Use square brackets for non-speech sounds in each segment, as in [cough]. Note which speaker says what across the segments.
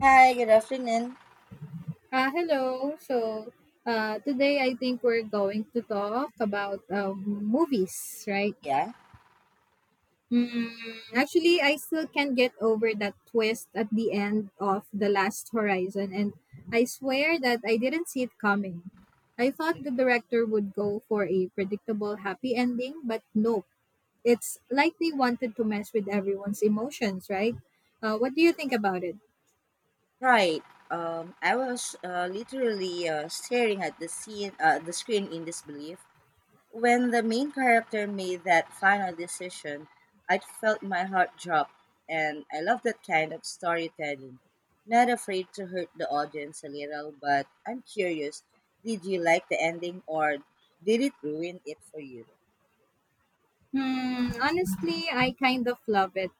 Speaker 1: Hi, good afternoon.
Speaker 2: Hello. Today I think we're going to talk about movies, right?
Speaker 1: Yeah,
Speaker 2: Mm, actually, I still can't get over that twist at the end of The Last Horizon, and I swear that I didn't see it coming. I thought the director would go for a predictable happy ending, but nope. It's like they wanted to mess with everyone's emotions, right? What do you think about it?
Speaker 1: right. I was literally staring at the screen in disbelief when the main character made that final decision. I felt my heart drop, and I love that kind of storytelling. Not afraid to hurt the audience a little, but I'm curious. Did you like the ending, or did it ruin it for you?
Speaker 2: Hmm, honestly, I kind of love it.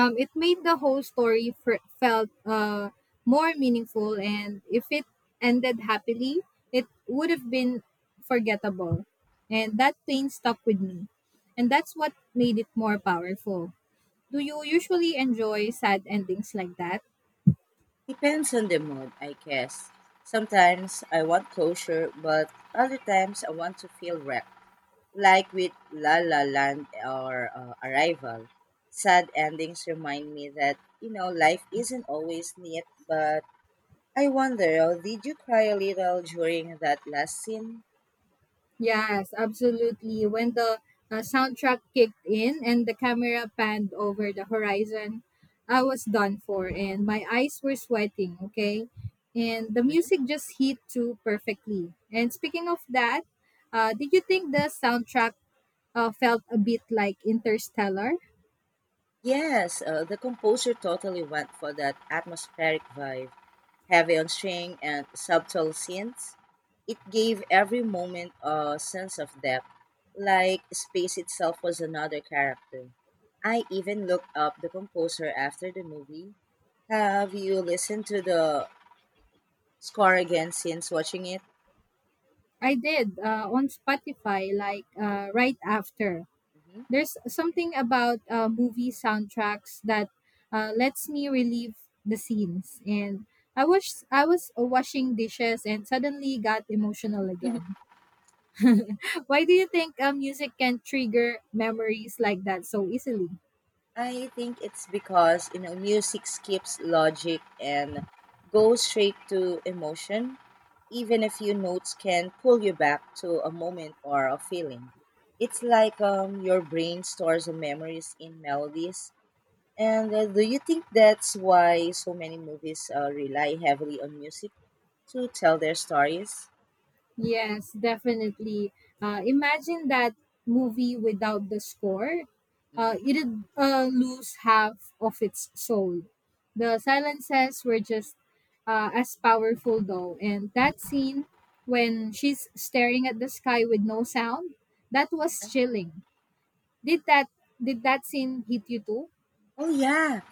Speaker 2: It made the whole story felt more meaningful, and if it ended happily, it would have been forgettable. And that pain stuck with me, and that's what made it more powerful. Do you usually enjoy sad endings like that?
Speaker 1: Depends on the mood, I guess. Sometimes I want closure, but other times I want to feel wrecked. Like with La La Land or Arrival. Sad endings remind me that, you know, life isn't always neat, but I wonder, did you cry a little during that last scene?
Speaker 2: Yes, absolutely. When the soundtrack kicked in and the camera panned over the horizon, I was done for and my eyes were sweating, okay? And the
Speaker 1: Mhm.
Speaker 2: music just hit too perfectly. And speaking of that, did you think the soundtrack felt a bit like Interstellar?
Speaker 1: Yes, the composer totally went for that atmospheric vibe. Heavy on string and subtle scenes. It gave every moment a sense of depth, like space itself was another character. I even looked up the composer after the movie. Have you listened to the score again since watching it?
Speaker 2: I did, on Spotify, right after. There's something about movie soundtracks that lets me relive the scenes, and I wish I was washing dishes and suddenly got emotional
Speaker 1: hmm
Speaker 2: again. [laughs] Why do you think music can trigger memories like that so easily?
Speaker 1: I think it's because, you know, music skips logic and goes straight to emotion. Even a few notes can pull you back to a moment or a feeling. It's like your brain stores the memories in melodies. And do you think that's why so many movies rely heavily on music to tell their stories?
Speaker 2: Yes, definitely. Imagine that movie without the score. Uh,
Speaker 1: hmm
Speaker 2: it'd uh, lose half of its soul. The silences were just as powerful, though. And that scene when she's staring at the sky with no sound, that was chilling. Did that did that scene hit you too?
Speaker 1: Oh yeah,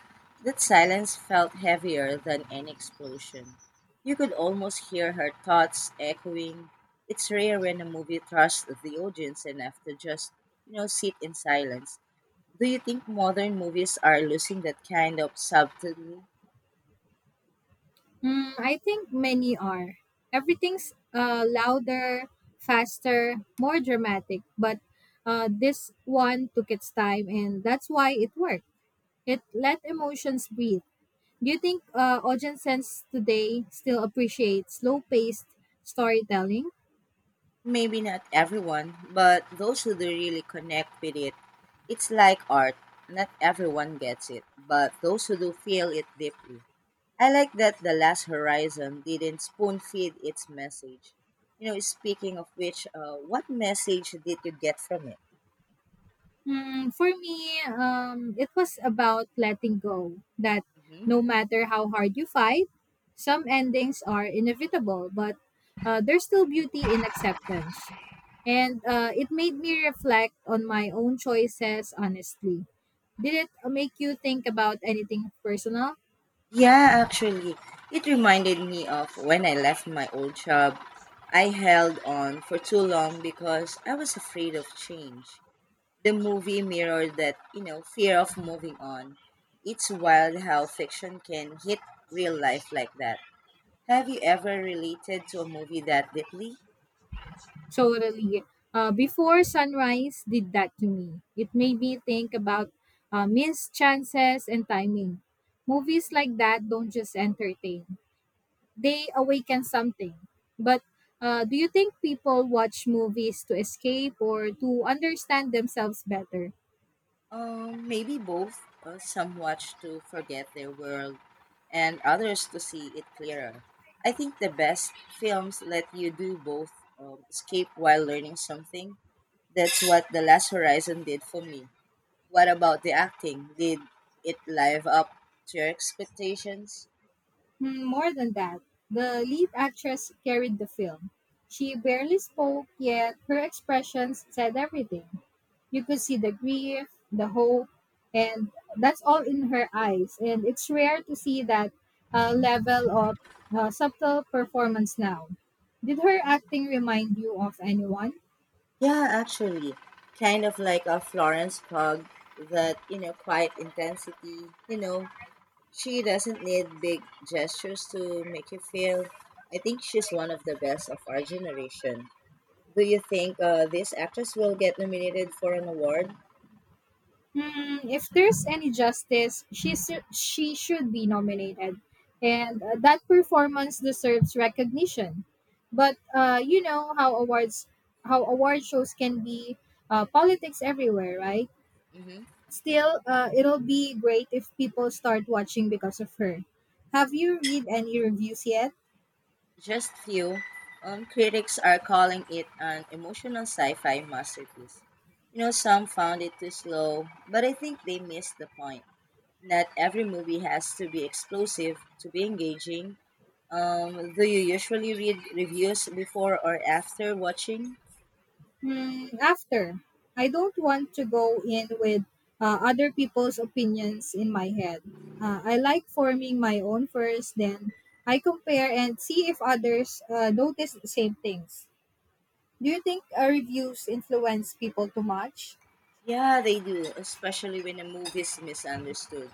Speaker 1: that silence felt heavier than any explosion. You could almost hear her thoughts echoing. It's rare when a movie trusts the audience enough to just, you know, sit in silence. Do you think modern movies are losing that kind of subtlety?
Speaker 2: Mm, I think many are. Everything's louder, faster, more dramatic, but this one took its time, and that's why it worked. It let emotions breathe. Do you think audiences today still appreciate slow paced storytelling?
Speaker 1: Maybe not everyone, but those who do really connect with it. It's like art. Not everyone gets it, but those who do feel it deeply. I like that The Last Horizon didn't spoon feed its message. You know, speaking of which, what message did you get from it?
Speaker 2: Mm, for me, it was about letting go. That
Speaker 1: hmm
Speaker 2: no matter how hard you fight, some endings are inevitable, but there's still beauty in acceptance. And it made me reflect on my own choices honestly. Did it make you think about anything personal?
Speaker 1: Yeah, actually, it reminded me of when I left my old job. I held on for too long because I was afraid of change. The movie mirrored that, you know, fear of moving on. It's wild how fiction can hit real life like that. Have you ever related to a movie that deeply?
Speaker 2: Totally. Before sunrise did that to me. It made me think about missed chances and timing. Movies like that don't just entertain, they awaken something. But do you think people watch movies to escape or to understand themselves better?
Speaker 1: Maybe both. Some watch to forget their world, and others to see it clearer. I think the best films let you do both, escape while learning something. That's what The Last Horizon did for me. What about the acting? Did it live up to your expectations?
Speaker 2: Hmm, more than that, the lead actress carried the film. She barely spoke, yet her expressions said everything. You could see the grief, the hope, and that's all in her eyes. And it's rare to see that level of subtle performance now. Did her acting remind you of anyone?
Speaker 1: Yeah, actually. Kind of like a Florence Pugh, that, you know, quiet intensity, you know, she doesn't need big gestures to make you feel. I think she's one of the best of our generation. Do you think this actress will get nominated for an award?
Speaker 2: Hmm, if there's any justice, she should be nominated, and that performance deserves recognition. But you know how award shows can be, politics everywhere, right?
Speaker 1: hmm
Speaker 2: Still, it'll be great if people start watching because of her. Have you read any reviews yet?
Speaker 1: Just few. Critics are calling it an emotional sci-fi masterpiece. You know, some found it too slow, but I think they missed the point. Not every movie has to be explosive to be engaging. Do you usually read reviews before or after watching?
Speaker 2: Mm, after, I don't want to go in with other people's opinions in my head. I like forming my own first, then I compare and see if others notice the same things. Do you think reviews influence people too much?
Speaker 1: Yeah, they do, especially when a movie is misunderstood.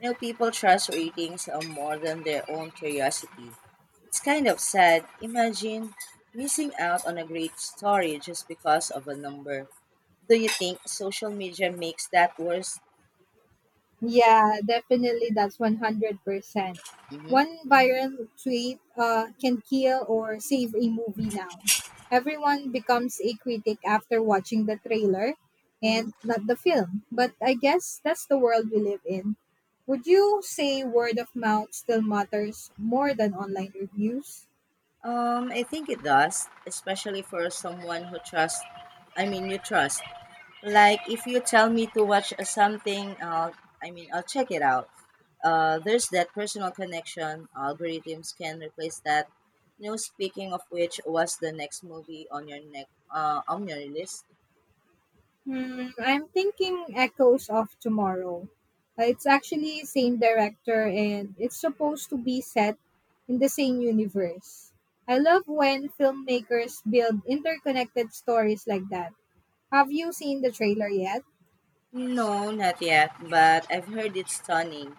Speaker 1: You know, people trust ratings on more than their own curiosity. It's kind of sad. Imagine missing out on a great story just because of a number. Do you think social media makes that worse?
Speaker 2: Yeah, definitely. That's 100%.
Speaker 1: hmm
Speaker 2: One viral tweet can kill or save a movie now. Everyone becomes a critic after watching the trailer
Speaker 1: hmm
Speaker 2: and not the film. But I guess that's the world we live in. Would you say word of mouth still matters more than online reviews?
Speaker 1: I think it does, especially for someone who trusts. I mean, you trust. Like if you tell me to watch something, I mean, I'll check it out. There's that personal connection. Algorithms can replace that. You know, speaking of which, was the next movie on your neck on your list?
Speaker 2: Hmm, I'm thinking Echoes of Tomorrow. It's actually same director and it's supposed to be set in the same universe. I love when filmmakers build interconnected stories like that. Have you seen the trailer yet?
Speaker 1: No, not yet, but I've heard it's stunning.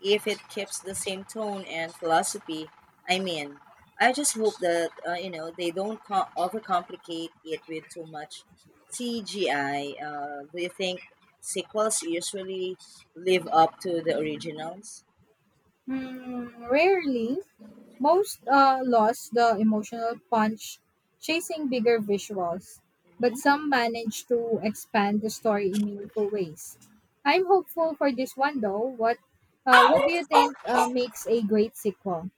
Speaker 1: If it keeps the same tone and philosophy, I mean, I just hope that you know, they don't overcomplicate it with too much CGI. Do you think sequels usually live up to the originals?
Speaker 2: Hmm, rarely, most lost the emotional punch chasing bigger visuals, but
Speaker 1: Mhm.
Speaker 2: some managed to expand the story in meaningful ways. I'm hopeful for this one though. What do you think makes a great sequel?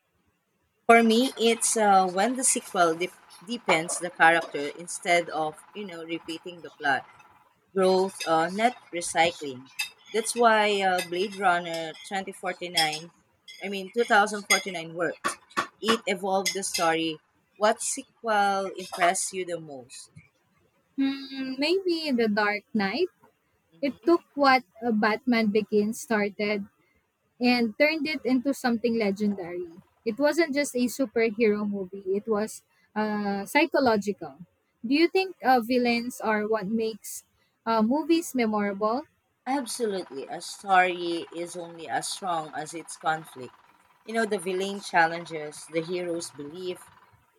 Speaker 1: For me, it's when the sequel deepens the character instead of, you know, repeating the plot. Growth, not recycling. That's why Blade Runner 2049, I mean 2049 worked. It evolved the story. What sequel impressed you the most?
Speaker 2: Hmm, maybe The Dark Knight. It
Speaker 1: Mhm.
Speaker 2: took what Batman Begins started and turned it into something legendary. It wasn't just a superhero movie, it was psychological. Do you think villains are what makes movies memorable?
Speaker 1: Absolutely. A story is only as strong as its conflict. You know, the villain challenges the hero's belief,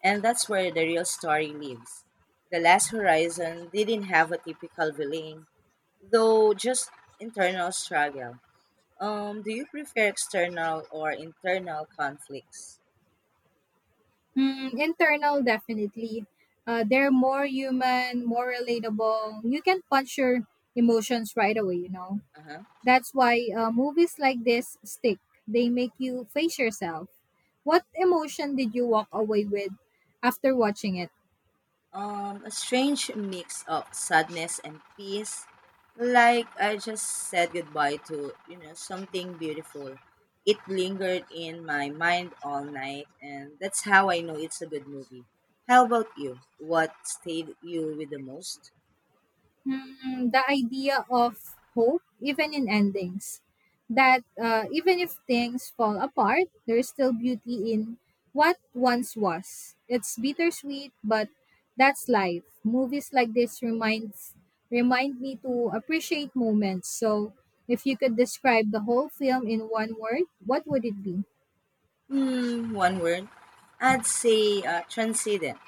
Speaker 1: and that's where the real story lives. The Last Horizon didn't have a typical villain, though, just internal struggle. Do you prefer external or internal conflicts?
Speaker 2: Hmm, internal, definitely. They're more human, more relatable. You can punch your emotions right away, you know.
Speaker 1: Uh-huh.
Speaker 2: That's why movies like this stick. They make you face yourself. What emotion did you walk away with after watching it?
Speaker 1: A strange mix of sadness and peace. Like I just said goodbye to, you know, something beautiful. It lingered in my mind all night, and that's how I know it's a good movie. How about you? What stayed you with the most?
Speaker 2: Mm, the idea of hope, even in endings, that even if things fall apart, there's still beauty in what once was. It's bittersweet, but that's life. Movies like this remind me to appreciate moments. So, if you could describe the whole film in one word, what would it be?
Speaker 1: Hmm, one word. I'd say transcendent.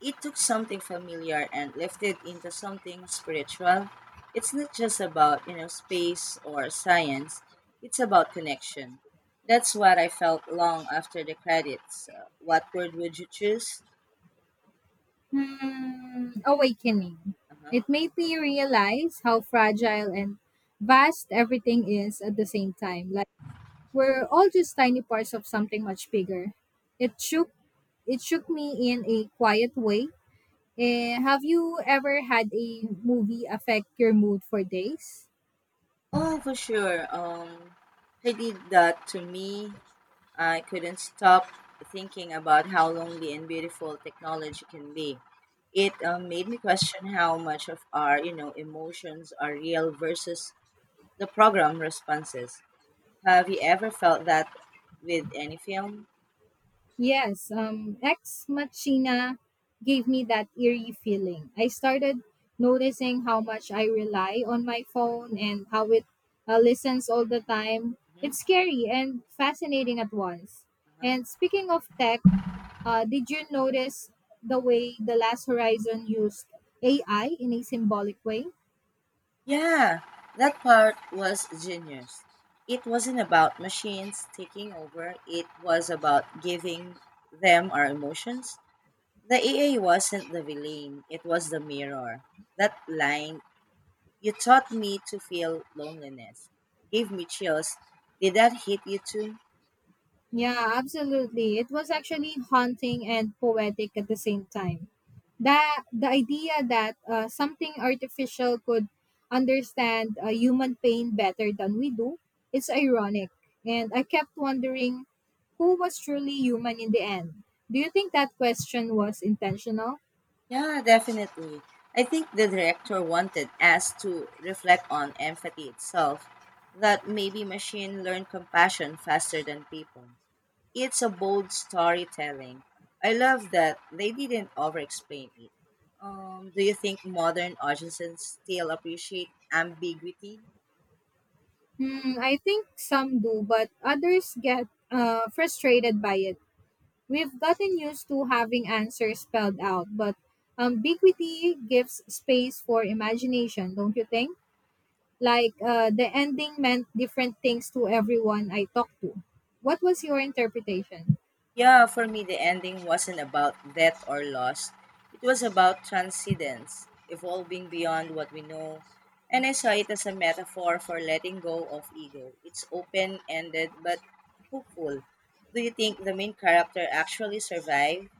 Speaker 1: It took something familiar and lifted into something spiritual. It's not just about, you know, space or science. It's about connection. That's what I felt long after the credits. What word would you choose?
Speaker 2: Hmm, awakening.
Speaker 1: Uh-huh.
Speaker 2: It made me realize how fragile and vast everything is at the same time. Like we're all just tiny parts of something much bigger. It shook it shook me in a quiet way. Eh, have you ever had a movie affect your mood for days?
Speaker 1: Oh, for sure. He did that to me. I couldn't stop thinking about how lonely and beautiful technology can be. It made me question how much of our, you know, emotions are real versus the program responses. Have you ever felt that with any film?
Speaker 2: Yes, Ex Machina gave me that eerie feeling. I started noticing how much I rely on my phone and how it listens all the time.
Speaker 1: Mhm.
Speaker 2: It's scary and fascinating at once.
Speaker 1: Uh-huh.
Speaker 2: And speaking of tech, did you notice the way The Last Horizon used AI in a symbolic way?
Speaker 1: Yeah, that part was genius. It wasn't about machines taking over, it was about giving them our emotions. The EA wasn't the villain, it was the mirror. That line, you taught me to feel loneliness. Gave me chills. Did that hit you too?
Speaker 2: Yeah, absolutely. It was actually haunting and poetic at the same time. That the idea that something artificial could understand human pain better than we do, it's ironic. And I kept wondering who was truly human in the end. Do you think that question was intentional?
Speaker 1: Yeah, definitely. I think the director wanted us to reflect on empathy itself, that maybe machine learn compassion faster than people. It's a bold storytelling. I love that they didn't over-explain it. Do you think modern audiences still appreciate ambiguity?
Speaker 2: Hmm, I think some do, but others get frustrated by it. We've gotten used to having answers spelled out, but ambiguity gives space for imagination, don't you think? The ending meant different things to everyone I talked to. What was your interpretation?
Speaker 1: Yeah, for me, the ending wasn't about death or loss. It was about transcendence, evolving beyond what we know. And I saw it as a metaphor for letting go of ego. It's open ended but hopeful. Do you think the main character actually survived?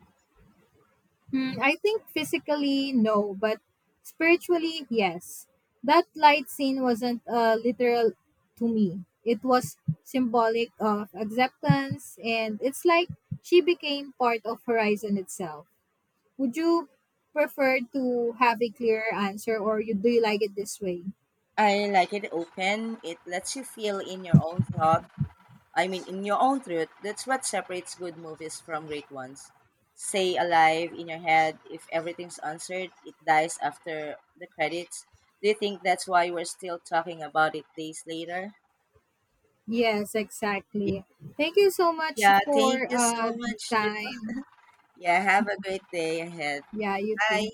Speaker 2: Hmm, I think physically, no, but spiritually, yes. That light scene wasn't literal to me. It was symbolic of acceptance, and it's like she became part of Horizon itself. Would you prefer to have a clearer answer, or you, do you like it this way?
Speaker 1: I like it open. It lets you feel in your own thoughts. I mean, in your own truth, that's what separates good movies from great ones. Say alive in your head, if everything's answered, it dies after the credits. Do you think that's why we're still talking about it days later?
Speaker 2: Yes,
Speaker 1: Ye-
Speaker 2: exactly. Thank you so much
Speaker 1: Yeah, thank
Speaker 2: for
Speaker 1: you so
Speaker 2: the
Speaker 1: much, dude.
Speaker 2: time.
Speaker 1: Yeah, have a great day ahead.
Speaker 2: Yeah, you
Speaker 1: Bye.
Speaker 2: too.